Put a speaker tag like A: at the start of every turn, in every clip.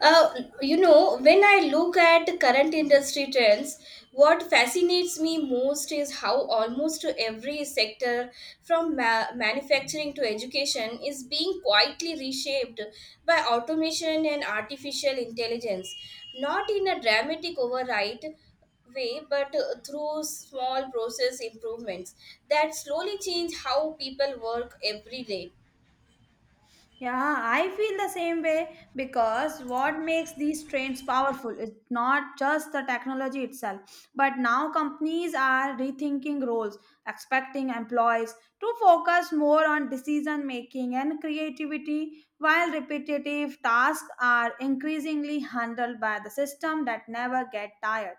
A: Uh, when I look at current industry trends, what fascinates me most is how almost every sector, from manufacturing to education, is being quietly reshaped by automation and artificial intelligence. Not in a dramatic override way, but through small process improvements that slowly change how people work every day.
B: Yeah, I feel the same way because what makes these trains powerful is not just the technology itself, but now companies are rethinking roles, expecting employees to focus more on decision making and creativity, while repetitive tasks are increasingly handled by the system that never get tired.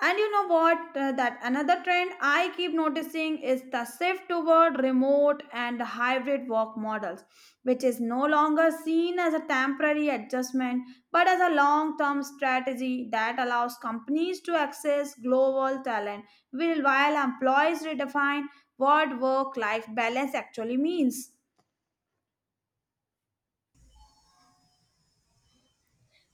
B: And you know what? That another trend I keep noticing is the shift toward remote and hybrid work models, which is no longer seen as a temporary adjustment but as a long term strategy that allows companies to access global talent while employees redefine what work life balance actually means.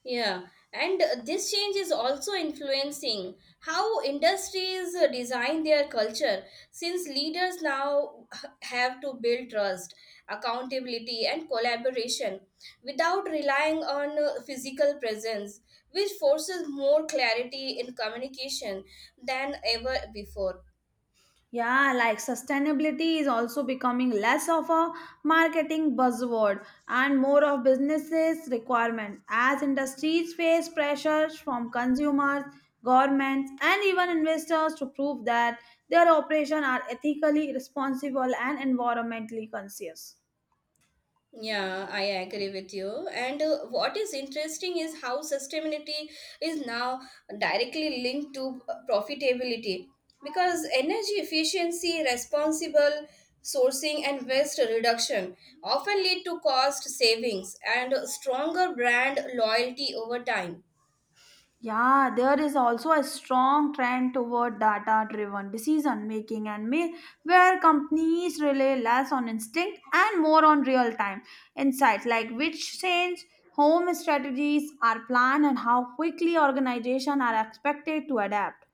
A: Yeah, and this change is also influencing how industries design their culture since leaders now have to build trust, accountability, and collaboration without relying on physical presence, which forces more clarity in communication than ever before.
B: Yeah, like sustainability is also becoming less of a marketing buzzword and more of businesses requirement as industries face pressures from consumers, governments and even investors to prove that their operations are ethically responsible and environmentally conscious.
A: Yeah, I agree with you. And what is interesting is how sustainability is now directly linked to profitability because energy efficiency, responsible sourcing, and waste reduction often lead to cost savings and stronger brand loyalty over time.
B: Yeah, there is also a strong trend toward data driven decision making and may where companies rely less on instinct and more on real time insights like which change home strategies are planned and how quickly organizations are expected to adapt.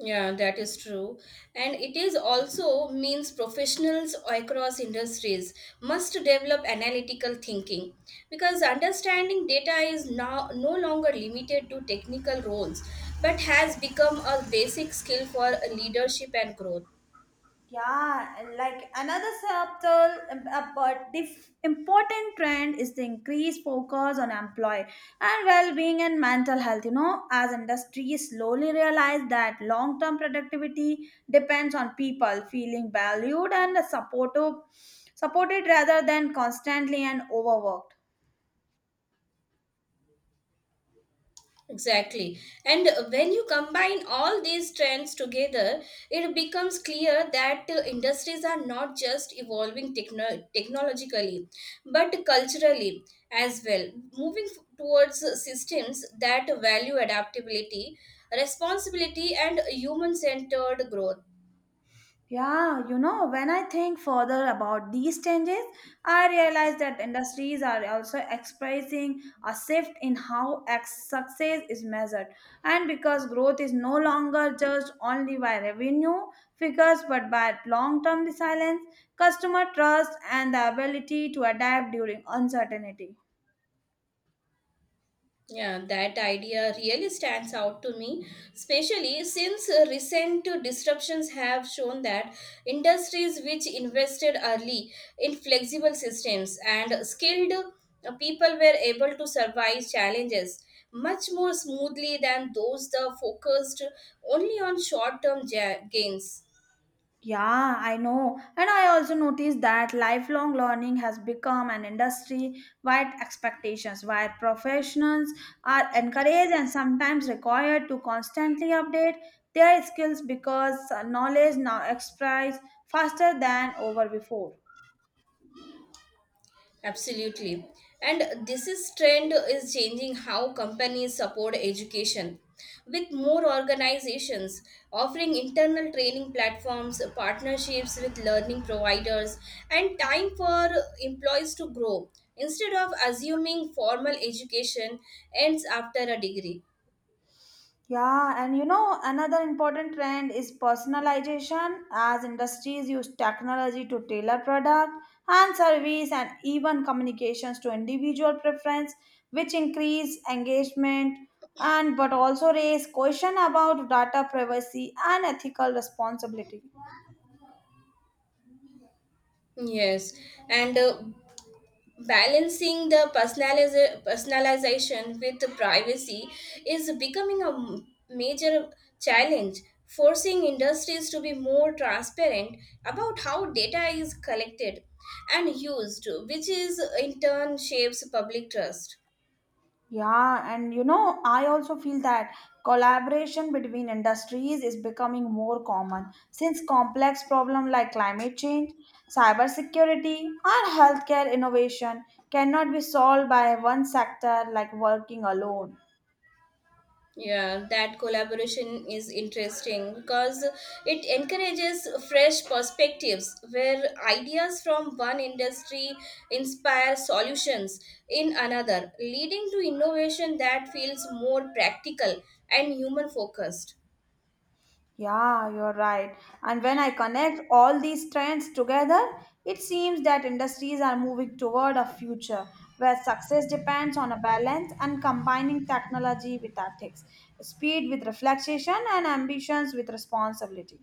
A: Yeah, that is true. And it is also means professionals across industries must develop analytical thinking because understanding data is now no longer limited to technical roles but has become a basic skill for leadership and growth.
B: Yeah, like another subtle but important trend is the increased focus on employee and well-being and mental health. You know, as industries slowly realize that long-term productivity depends on people feeling valued and supported rather than constantly and overworked.
A: Exactly. And when you combine all these trends together, it becomes clear that industries are not just evolving technologically, but culturally as well, moving towards systems that value adaptability, responsibility, and human centered growth.
B: Yeah, you know, when I think further about these changes, I realize that industries are also experiencing a shift in how success is measured. And because growth is no longer judged only by revenue figures but by long term resilience, customer trust, and the ability to adapt during uncertainty.
A: Yeah, that idea really stands out to me, especially since recent disruptions have shown that industries which invested early in flexible systems and skilled people were able to survive challenges much more smoothly than those that focused only on short term gains.
B: Yeah, I know. And I also noticed that lifelong learning has become an industry wide expectations where professionals are encouraged and sometimes required to constantly update their skills because knowledge now expands faster than over before.
A: Absolutely. And this is trend is changing how companies support education with more organizations offering internal training platforms, partnerships with learning providers and time for employees to grow instead of assuming formal education ends after a degree.
B: Yeah, and you know, another important trend is personalization as industries use technology to tailor product and service and even communications to individual preference, which increase engagement and but also raise question about data privacy and ethical responsibility.
A: Yes, and balancing the personalization with privacy is becoming a major challenge forcing industries to be more transparent about how data is collected and used which is in turn shapes public trust.
B: Yeah, and you know, I also feel that collaboration between industries is becoming more common since complex problems like climate change, cybersecurity, and healthcare innovation cannot be solved by one sector like working alone.
A: Yeah, that collaboration is interesting because it encourages fresh perspectives where ideas from one industry inspire solutions in another, leading to innovation that feels more practical and human focused.
B: Yeah, you're right. And when I connect all these trends together, it seems that industries are moving toward a future where success depends on a balance and combining technology with ethics, speed with reflection, and ambitions with responsibility.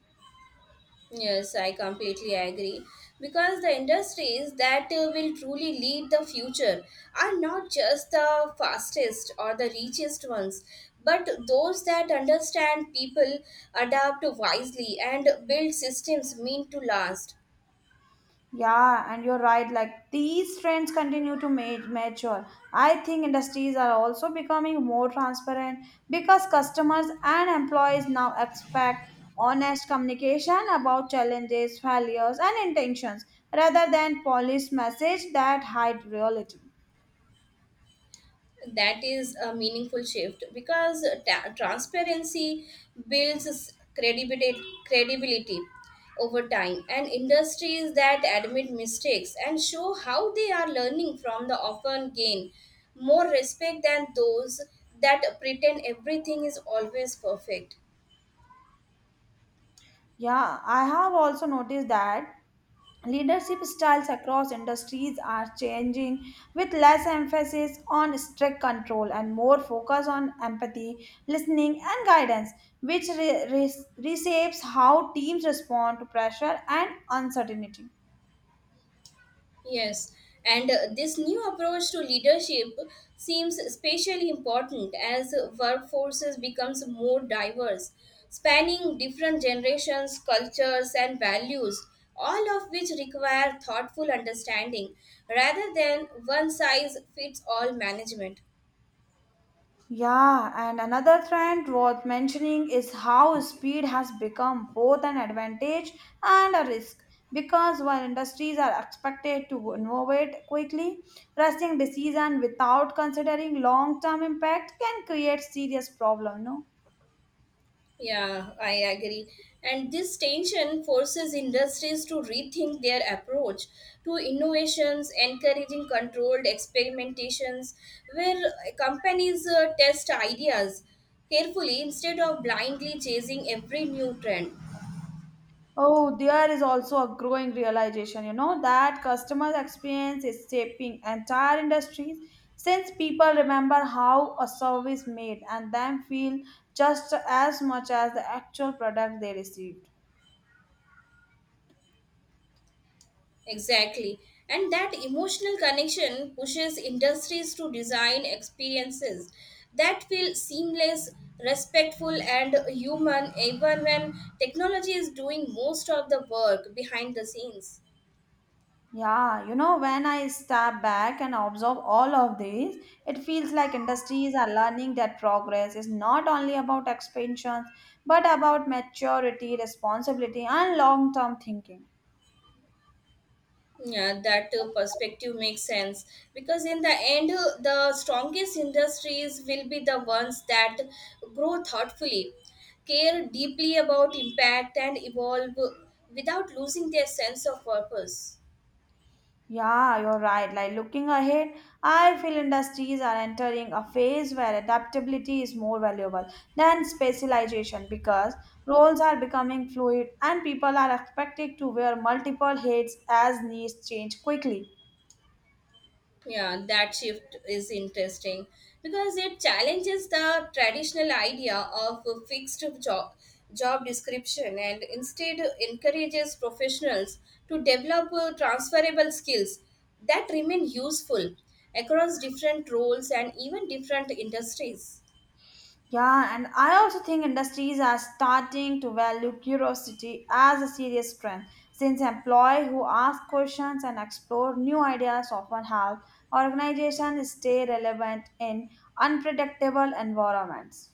A: Yes, I completely agree. Because the industries that will truly lead the future are not just the fastest or the richest ones, but those that understand people, adapt wisely, and build systems meant to last.
B: Yeah, and you're right. Like these trends continue to mature. I think industries are also becoming more transparent because customers and employees now expect honest communication about challenges, failures, and intentions rather than polished message that hide reality.
A: That is a meaningful shift because transparency builds credibility credibility over time and industries that admit mistakes and show how they are learning from the often gain more respect than those that pretend everything is always perfect.
B: Yeah, I have also noticed that leadership styles across industries are changing with less emphasis on strict control and more focus on empathy, listening, and guidance, which reshapes how teams respond to pressure and uncertainty.
A: Yes, and this new approach to leadership seems especially important as workforces becomes more diverse, spanning different generations, cultures, and values, all of which require thoughtful understanding rather than one size fits all management.
B: Yeah, and another trend worth mentioning is how speed has become both an advantage and a risk. Because while industries are expected to innovate quickly, rushing decisions without considering long term impact can create serious problem. No?
A: Yeah, I agree. And this tension forces industries to rethink their approach to innovations, encouraging controlled experimentations where companies test ideas carefully instead of blindly chasing every new trend.
B: Oh, there is also a growing realization, you know, that customer experience is shaping entire industries since people remember how a service made and then feel just as much as the actual product they received.
A: Exactly. And that emotional connection pushes industries to design experiences that feel seamless, respectful, and human, even when technology is doing most of the work behind the scenes.
B: Yeah, you know, when I step back and observe all of this, it feels like industries are learning that progress is not only about expansions, but about maturity, responsibility, and long term thinking.
A: Yeah, that perspective makes sense because in the end, the strongest industries will be the ones that grow thoughtfully, care deeply about impact, and evolve without losing their sense of purpose.
B: Yeah, you're right. Like looking ahead, I feel industries are entering a phase where adaptability is more valuable than specialization because roles are becoming fluid and people are expected to wear multiple hats as needs change quickly.
A: Yeah, that shift is interesting because it challenges the traditional idea of a fixed job description and instead encourages professionals to develop transferable skills that remain useful across different roles and even different industries.
B: Yeah, and I also think industries are starting to value curiosity as a serious strength since employees who ask questions and explore new ideas often help organizations stay relevant in unpredictable environments.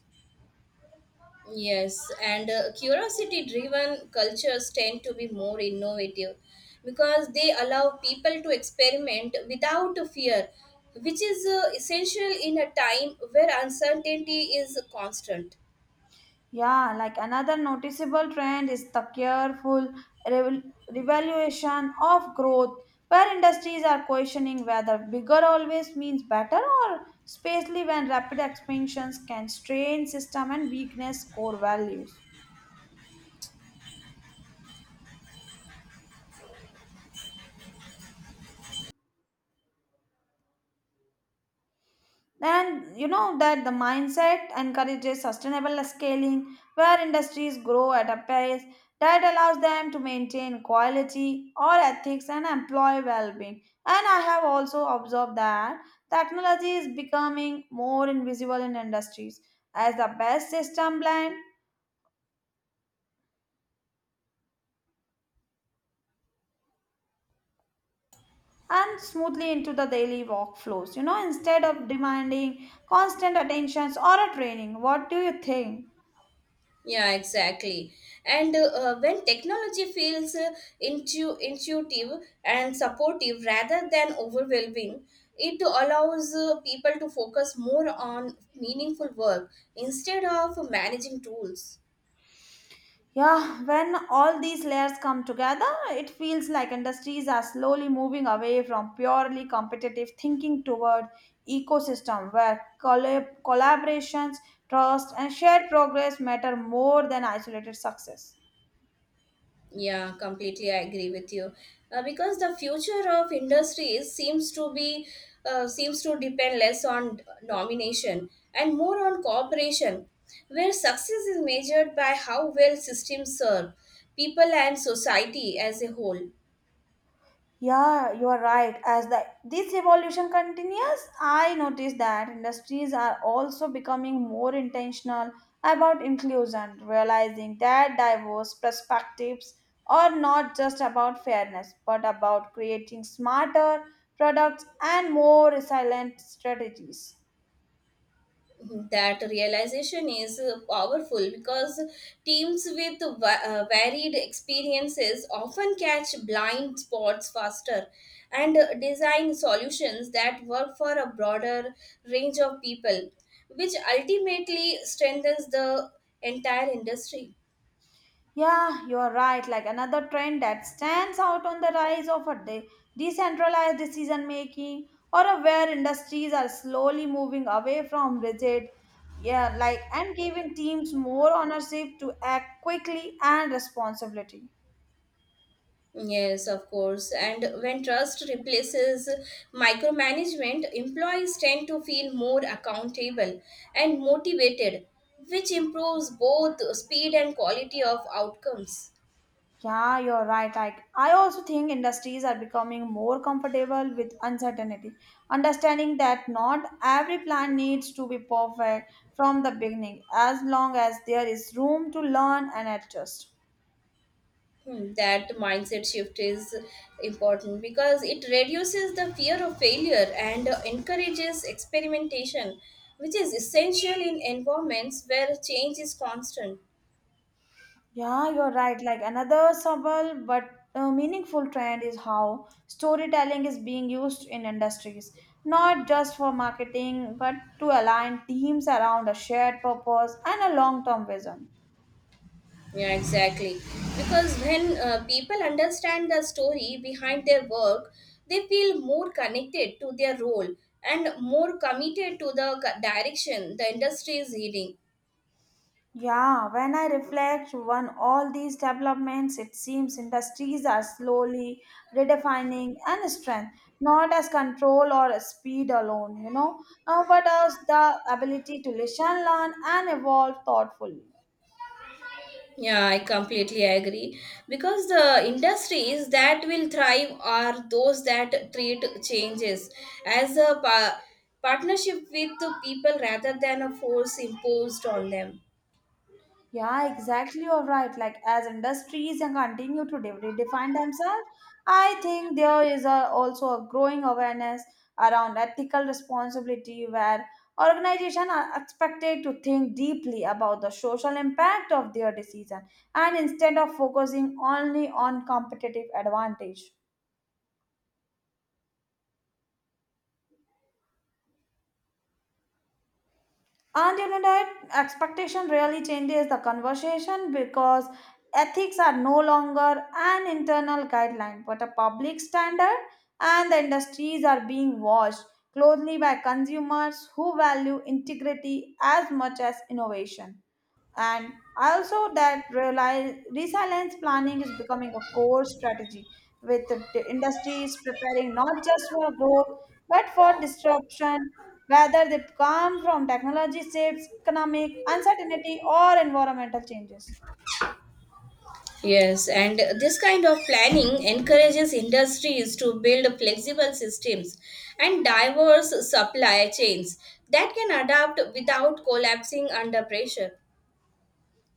A: Yes, and curiosity driven cultures tend to be more innovative because they allow people to experiment without fear, which is essential in a time where uncertainty is constant.
B: Yeah, like another noticeable trend is the careful reval- revaluation of growth, where industries are questioning whether bigger always means better or especially when rapid expansions can strain system and weakness core values. And you know that the mindset encourages sustainable scaling where industries grow at a pace that allows them to maintain quality or ethics and employee well-being. And I have also observed that technology is becoming more invisible in industries as the best system blend and smoothly into the daily workflows, you know, instead of demanding constant attentions or a training. What do you think?
A: Yeah, exactly. And when technology feels intuitive and supportive rather than overwhelming, it allows people to focus more on meaningful work instead of managing tools.
B: Yeah, when all these layers come together, it feels like industries are slowly moving away from purely competitive thinking toward ecosystem where collaborations, trust and shared progress matter more than isolated success.
A: Yeah, completely. I agree with you. Because the future of industries seems to be seems to depend less on nomination and more on cooperation, where success is measured by how well systems serve people and society as a whole.
B: Yeah, you are right. As the this evolution continues, I notice that industries are also becoming more intentional about inclusion, realizing that diverse perspectives are not just about fairness, but about creating smarter products and more resilient strategies.
A: That realization is powerful because teams with varied experiences often catch blind spots faster and design solutions that work for a broader range of people, which ultimately strengthens the entire industry.
B: Yeah, you are right. Like another trend that stands out on the rise of a decentralized decision making or a where industries are slowly moving away from rigid, yeah, like and giving teams more ownership to act quickly and responsibility.
A: Yes, of course. And when trust replaces micromanagement, employees tend to feel more accountable and motivated, which improves both speed and quality of outcomes.
B: Yeah, you're right. Like I also think industries are becoming more comfortable with uncertainty, understanding that not every plan needs to be perfect from the beginning, as long as there is room to learn and adjust.
A: Hmm, that mindset shift is important because it reduces the fear of failure and encourages experimentation, which is essential in environments where change is constant.
B: Yeah, you're right. Like another subtle but meaningful trend is how storytelling is being used in industries, not just for marketing, but to align teams around a shared purpose and a long-term vision.
A: Yeah, exactly. Because when people understand the story behind their work, they feel more connected to their role and more committed to the direction the industry is heading.
B: Yeah, when I reflect on all these developments, it seems industries are slowly redefining and strength, not as control or speed alone, you know, but as the ability to listen, learn, and evolve thoughtfully.
A: Yeah, I completely agree. Because the industries that will thrive are those that treat changes as a partnership with the people rather than a force imposed on them.
B: Yeah, exactly. You're right. Like as industries and continue to redefine themselves, I think there is a, also a growing awareness around ethical responsibility where organizations are expected to think deeply about the social impact of their decision and instead of focusing only on competitive advantage. And you know that expectation really changes the conversation because ethics are no longer an internal guideline but a public standard, and the industries are being watched closely by consumers who value integrity as much as innovation. And I also that realize resilience planning is becoming a core strategy with the industries preparing not just for growth but for disruption, whether they come from technology shifts, economic uncertainty or environmental changes.
A: Yes, and this kind of planning encourages industries to build flexible systems and diverse supply chains that can adapt without collapsing under pressure.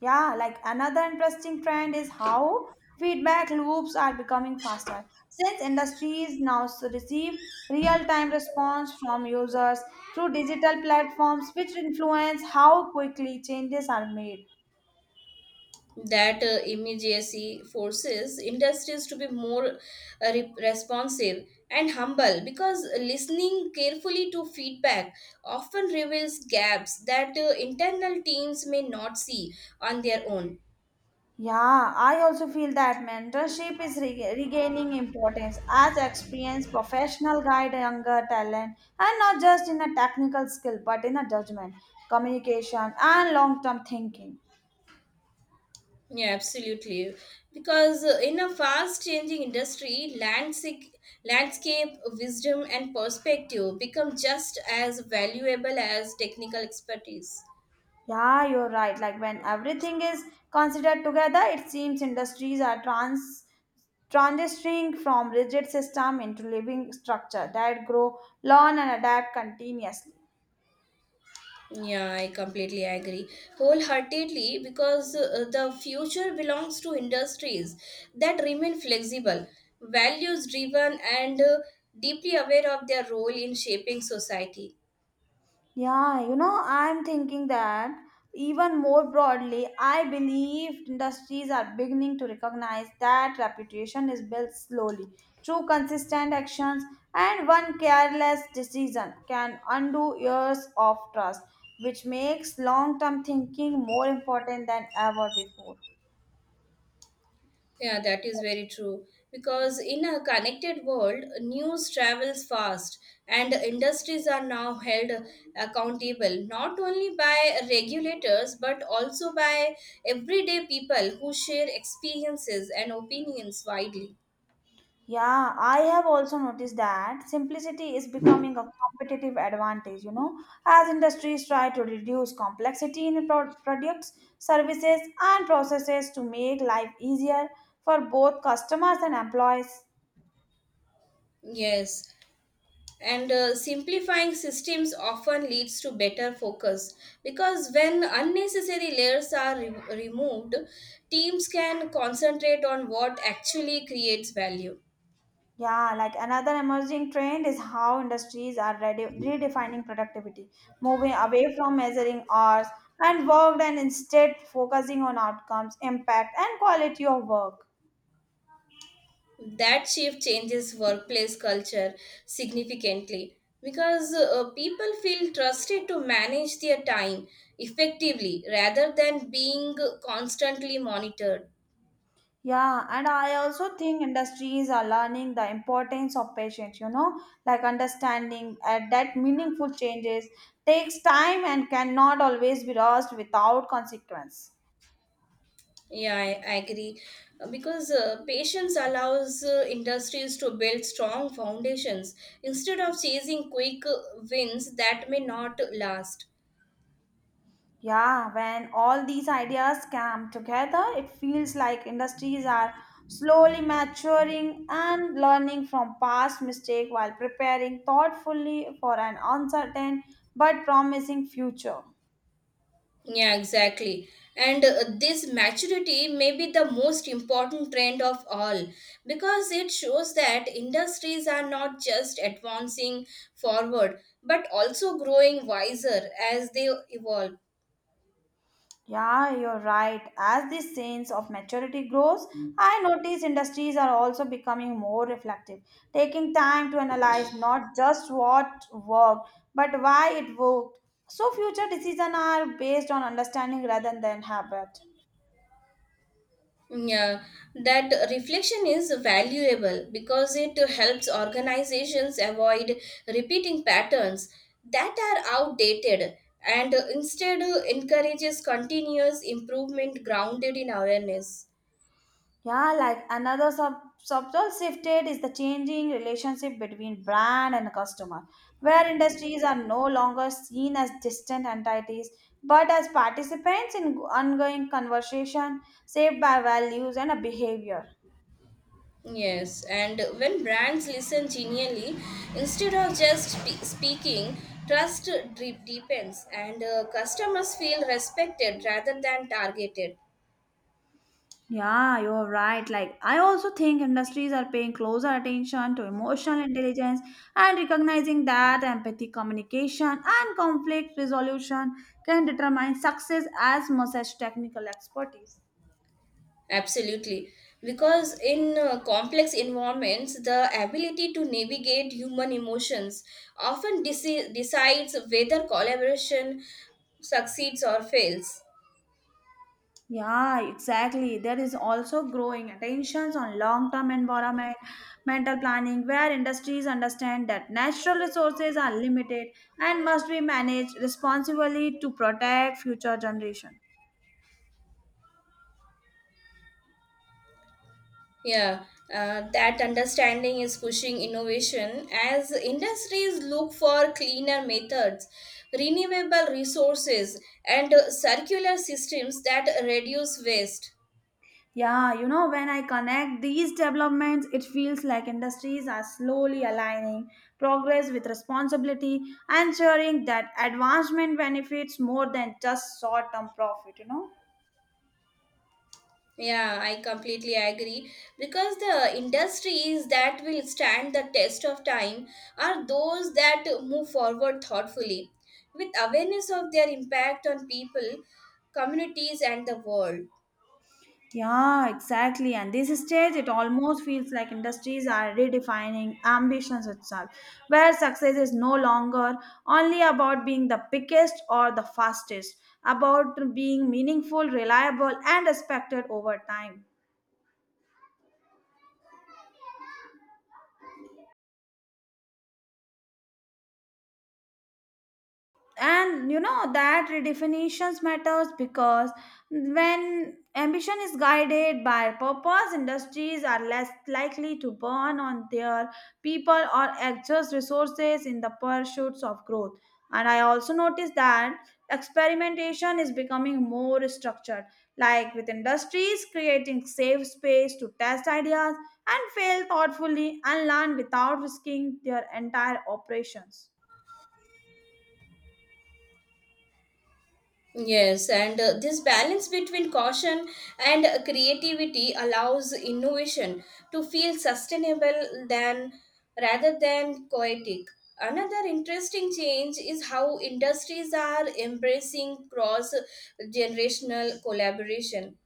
B: Yeah, like another interesting trend is how feedback loops are becoming faster. Since industries now receive real-time response from users through digital platforms, which influence how quickly changes are made.
A: That immediacy forces industries to be more responsive and humble because listening carefully to feedback often reveals gaps that internal teams may not see on their own.
B: Yeah, I also feel that mentorship is regaining importance as experienced professional guide younger talent, and not just in a technical skill, but in a judgment, communication, and long-term thinking.
A: Yeah, absolutely. Because in a fast changing industry, landscape, wisdom, and perspective become just as valuable as technical expertise.
B: Yeah, you're right. Like when everything is considered together, it seems industries are transitioning from rigid system into living structure that grow, learn and adapt continuously.
A: Yeah, I completely agree wholeheartedly because the future belongs to industries that remain flexible, values driven, and deeply aware of their role in shaping society.
B: Yeah, you know, I'm thinking that even more broadly, I believe industries are beginning to recognize that reputation is built slowly through consistent actions, and one careless decision can undo years of trust, which makes long term thinking more important than ever before.
A: Yeah, that is very true. Because in a connected world, news travels fast, and industries are now held accountable not only by regulators but also by everyday people who share experiences and opinions widely.
B: Yeah, I have also noticed that simplicity is becoming a competitive advantage, you know, as industries try to reduce complexity in products, services, and processes to make life easier for both customers and employees.
A: Yes, and simplifying systems often leads to better focus because when unnecessary layers are removed, teams can concentrate on what actually creates value.
B: Yeah, like another emerging trend is how industries are redefining productivity, moving away from measuring hours and worked and instead focusing on outcomes, impact, and quality of work.
A: That shift changes workplace culture significantly because people feel trusted to manage their time effectively rather than being constantly monitored.
B: Yeah, and I also think industries are learning the importance of patience, you know, like understanding that meaningful changes takes time and cannot always be rushed without consequence.
A: Yeah, I agree. Because patience allows industries to build strong foundations instead of chasing quick wins that may not last.
B: Yeah, when all these ideas come together, it feels like industries are slowly maturing and learning from past mistakes while preparing thoughtfully for an uncertain but promising future.
A: Yeah, exactly. And this maturity may be the most important trend of all because it shows that industries are not just advancing forward but also growing wiser as they evolve.
B: Yeah, you're right. As this sense of maturity grows, I notice industries are also becoming more reflective, taking time to analyze not just what worked, but why it worked. So future decisions are based on understanding rather than habit.
A: Yeah, that reflection is valuable because it helps organizations avoid repeating patterns that are outdated and instead encourages continuous improvement grounded in awareness.
B: Yeah, like another subtle shifted is the changing relationship between brand and customer, where industries are no longer seen as distant entities but as participants in ongoing conversation shaped by values and a behavior.
A: Yes, and when brands listen genuinely, instead of just speaking, trust deepens and customers feel respected rather than targeted.
B: Yeah, you're right. Like, I also think industries are paying closer attention to emotional intelligence and recognizing that empathy, communication, and conflict resolution can determine success as much as technical expertise.
A: Absolutely. Because in complex environments, the ability to navigate human emotions often decides whether collaboration succeeds or fails.
B: Yeah, exactly. There is also growing attentions on long-term environment, mental planning, where industries understand that natural resources are limited and must be managed responsibly to protect future generation.
A: Yeah, that understanding is pushing innovation as industries look for cleaner methods, renewable resources, and circular systems that reduce waste.
B: Yeah, you know, when I connect these developments, it feels like industries are slowly aligning progress with responsibility, ensuring that advancement benefits more than just short-term profit, you know.
A: Yeah, I completely agree because the industries that will stand the test of time are those that move forward thoughtfully with awareness of their impact on people, communities, and the world.
B: Yeah, exactly. And this stage, it almost feels like industries are redefining ambitions itself, where success is no longer only about being the biggest or the fastest, about being meaningful, reliable, and respected over time. And you know that redefinitions matters because when ambition is guided by purpose, industries are less likely to burn on their people or exhaust resources in the pursuits of growth. And I also noticed that experimentation is becoming more structured, like with industries creating safe space to test ideas and fail thoughtfully and learn without risking their entire operations.
A: Yes, and this balance between caution and creativity allows innovation to feel sustainable than rather than chaotic. Another interesting change is how industries are embracing cross generational collaboration,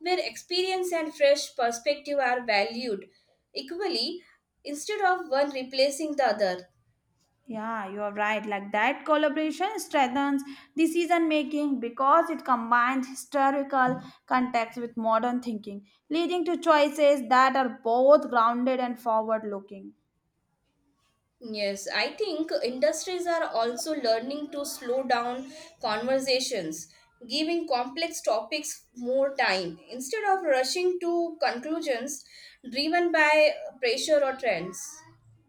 A: where experience and fresh perspective are valued equally instead of one replacing the other.
B: Yeah, you're right. Like that collaboration strengthens decision making because it combines historical context with modern thinking, leading to choices that are both grounded and forward looking.
A: Yes, I think industries are also learning to slow down conversations, giving complex topics more time instead of rushing to conclusions driven by pressure or trends.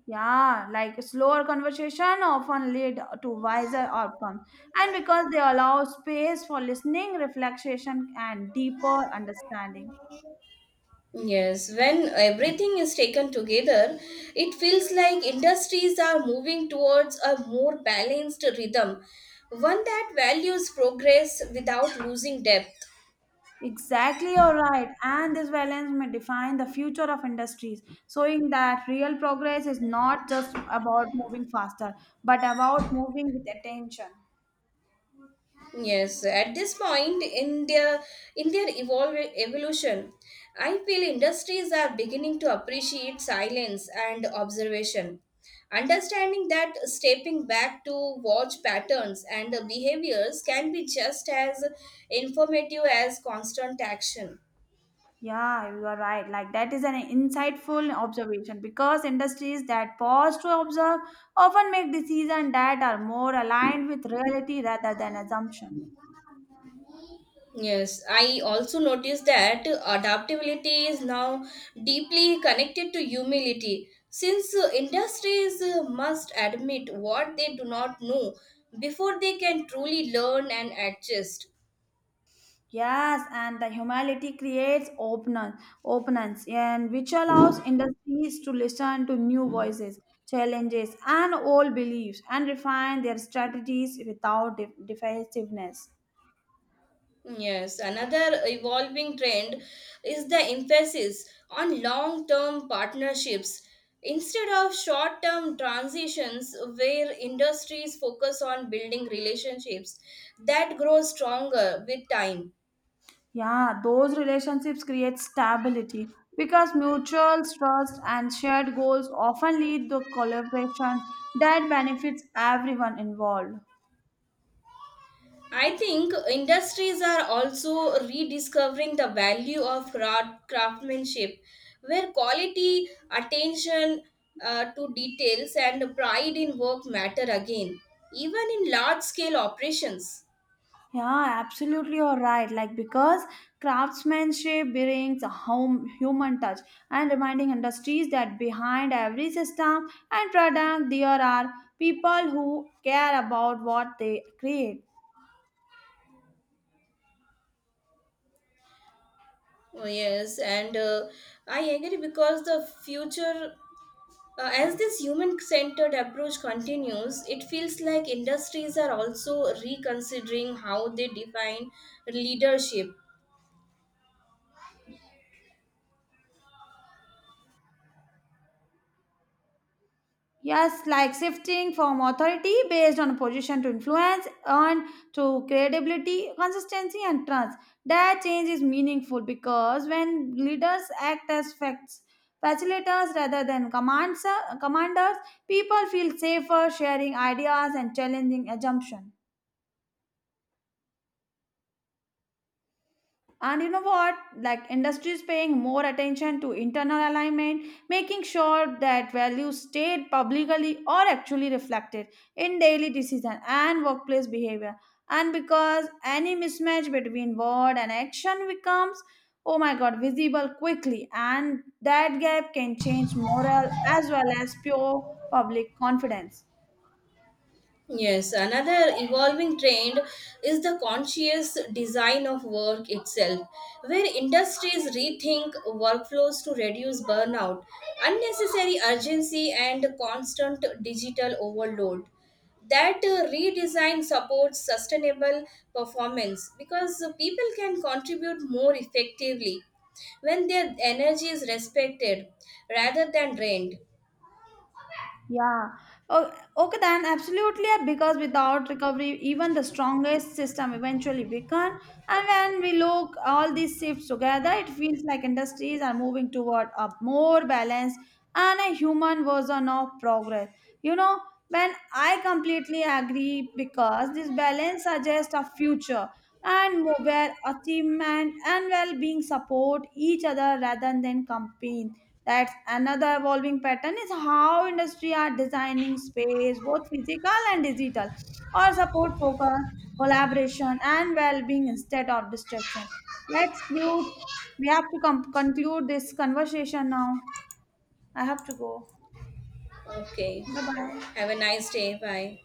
B: Yeah, like slower conversation often lead to wiser outcomes, and because they allow space for listening, reflection, and deeper understanding.
A: Yes, when everything is taken together, it feels like industries are moving towards a more balanced rhythm, one that values progress without losing depth.
B: Exactly, you're right. And this violence may define the future of industries, showing that real progress is not just about moving faster, but about moving with attention.
A: Yes, at this point in their evolution, I feel industries are beginning to appreciate silence and observation. Understanding that stepping back to watch patterns and behaviors can be just as informative as constant action.
B: Yeah, you are right. Like that is an insightful observation because industries that pause to observe often make decisions that are more aligned with reality rather than assumption.
A: Yes, I also noticed that adaptability is now deeply connected to humility since industries must admit what they do not know before they can truly learn and adjust.
B: Yes, and the humility creates openness, and which allows industries to listen to new voices, challenges, and old beliefs, and refine their strategies without defensiveness.
A: Yes, another evolving trend is the emphasis on long term partnerships instead of short term transitions where industries focus on building relationships that grow stronger with time.
B: Yeah, those relationships create stability because mutual trust and shared goals often lead to collaboration that benefits everyone involved.
A: I think industries are also rediscovering the value of craftsmanship, where quality, attention to details, and pride in work matter again, even in large scale operations.
B: Yeah, absolutely, you're right. Like, because craftsmanship brings a home human touch and reminding industries that behind every system and product, there are people who care about what they create.
A: Oh, yes, and I agree because the future, as this human centered approach continues, it feels like industries are also reconsidering how they define leadership.
B: Yes, like shifting from authority based on position to influence, earn to credibility, consistency, and trust. That change is meaningful because when leaders act as facilitators rather than commanders, people feel safer sharing ideas and challenging assumptions. And you know what, like industry is paying more attention to internal alignment, making sure that values stated publicly are actually reflected in daily decision and workplace behavior. And because any mismatch between word and action becomes oh my god visible quickly, and that gap can change morale as well as pure public confidence.
A: Yes, another evolving trend is the conscious design of work itself, where industries rethink workflows to reduce burnout, unnecessary urgency, and constant digital overload. That redesign supports sustainable performance because people can contribute more effectively when their energy is respected rather than drained.
B: Yeah. Oh, okay, then absolutely. Yeah, because without recovery, even the strongest system eventually weaken. And when we look all these shifts together, it feels like industries are moving toward a more balanced and a human version of progress. You know, when I completely agree because this balance suggests a future and where achievement and well-being support each other rather than compete. That's another evolving pattern is how industry are designing space, both physical and digital, or support focus, collaboration, and well-being instead of destruction. Let's do. We have to conclude this conversation now. I have to go.
A: Okay,
B: Bye bye.
A: have a nice day. Bye.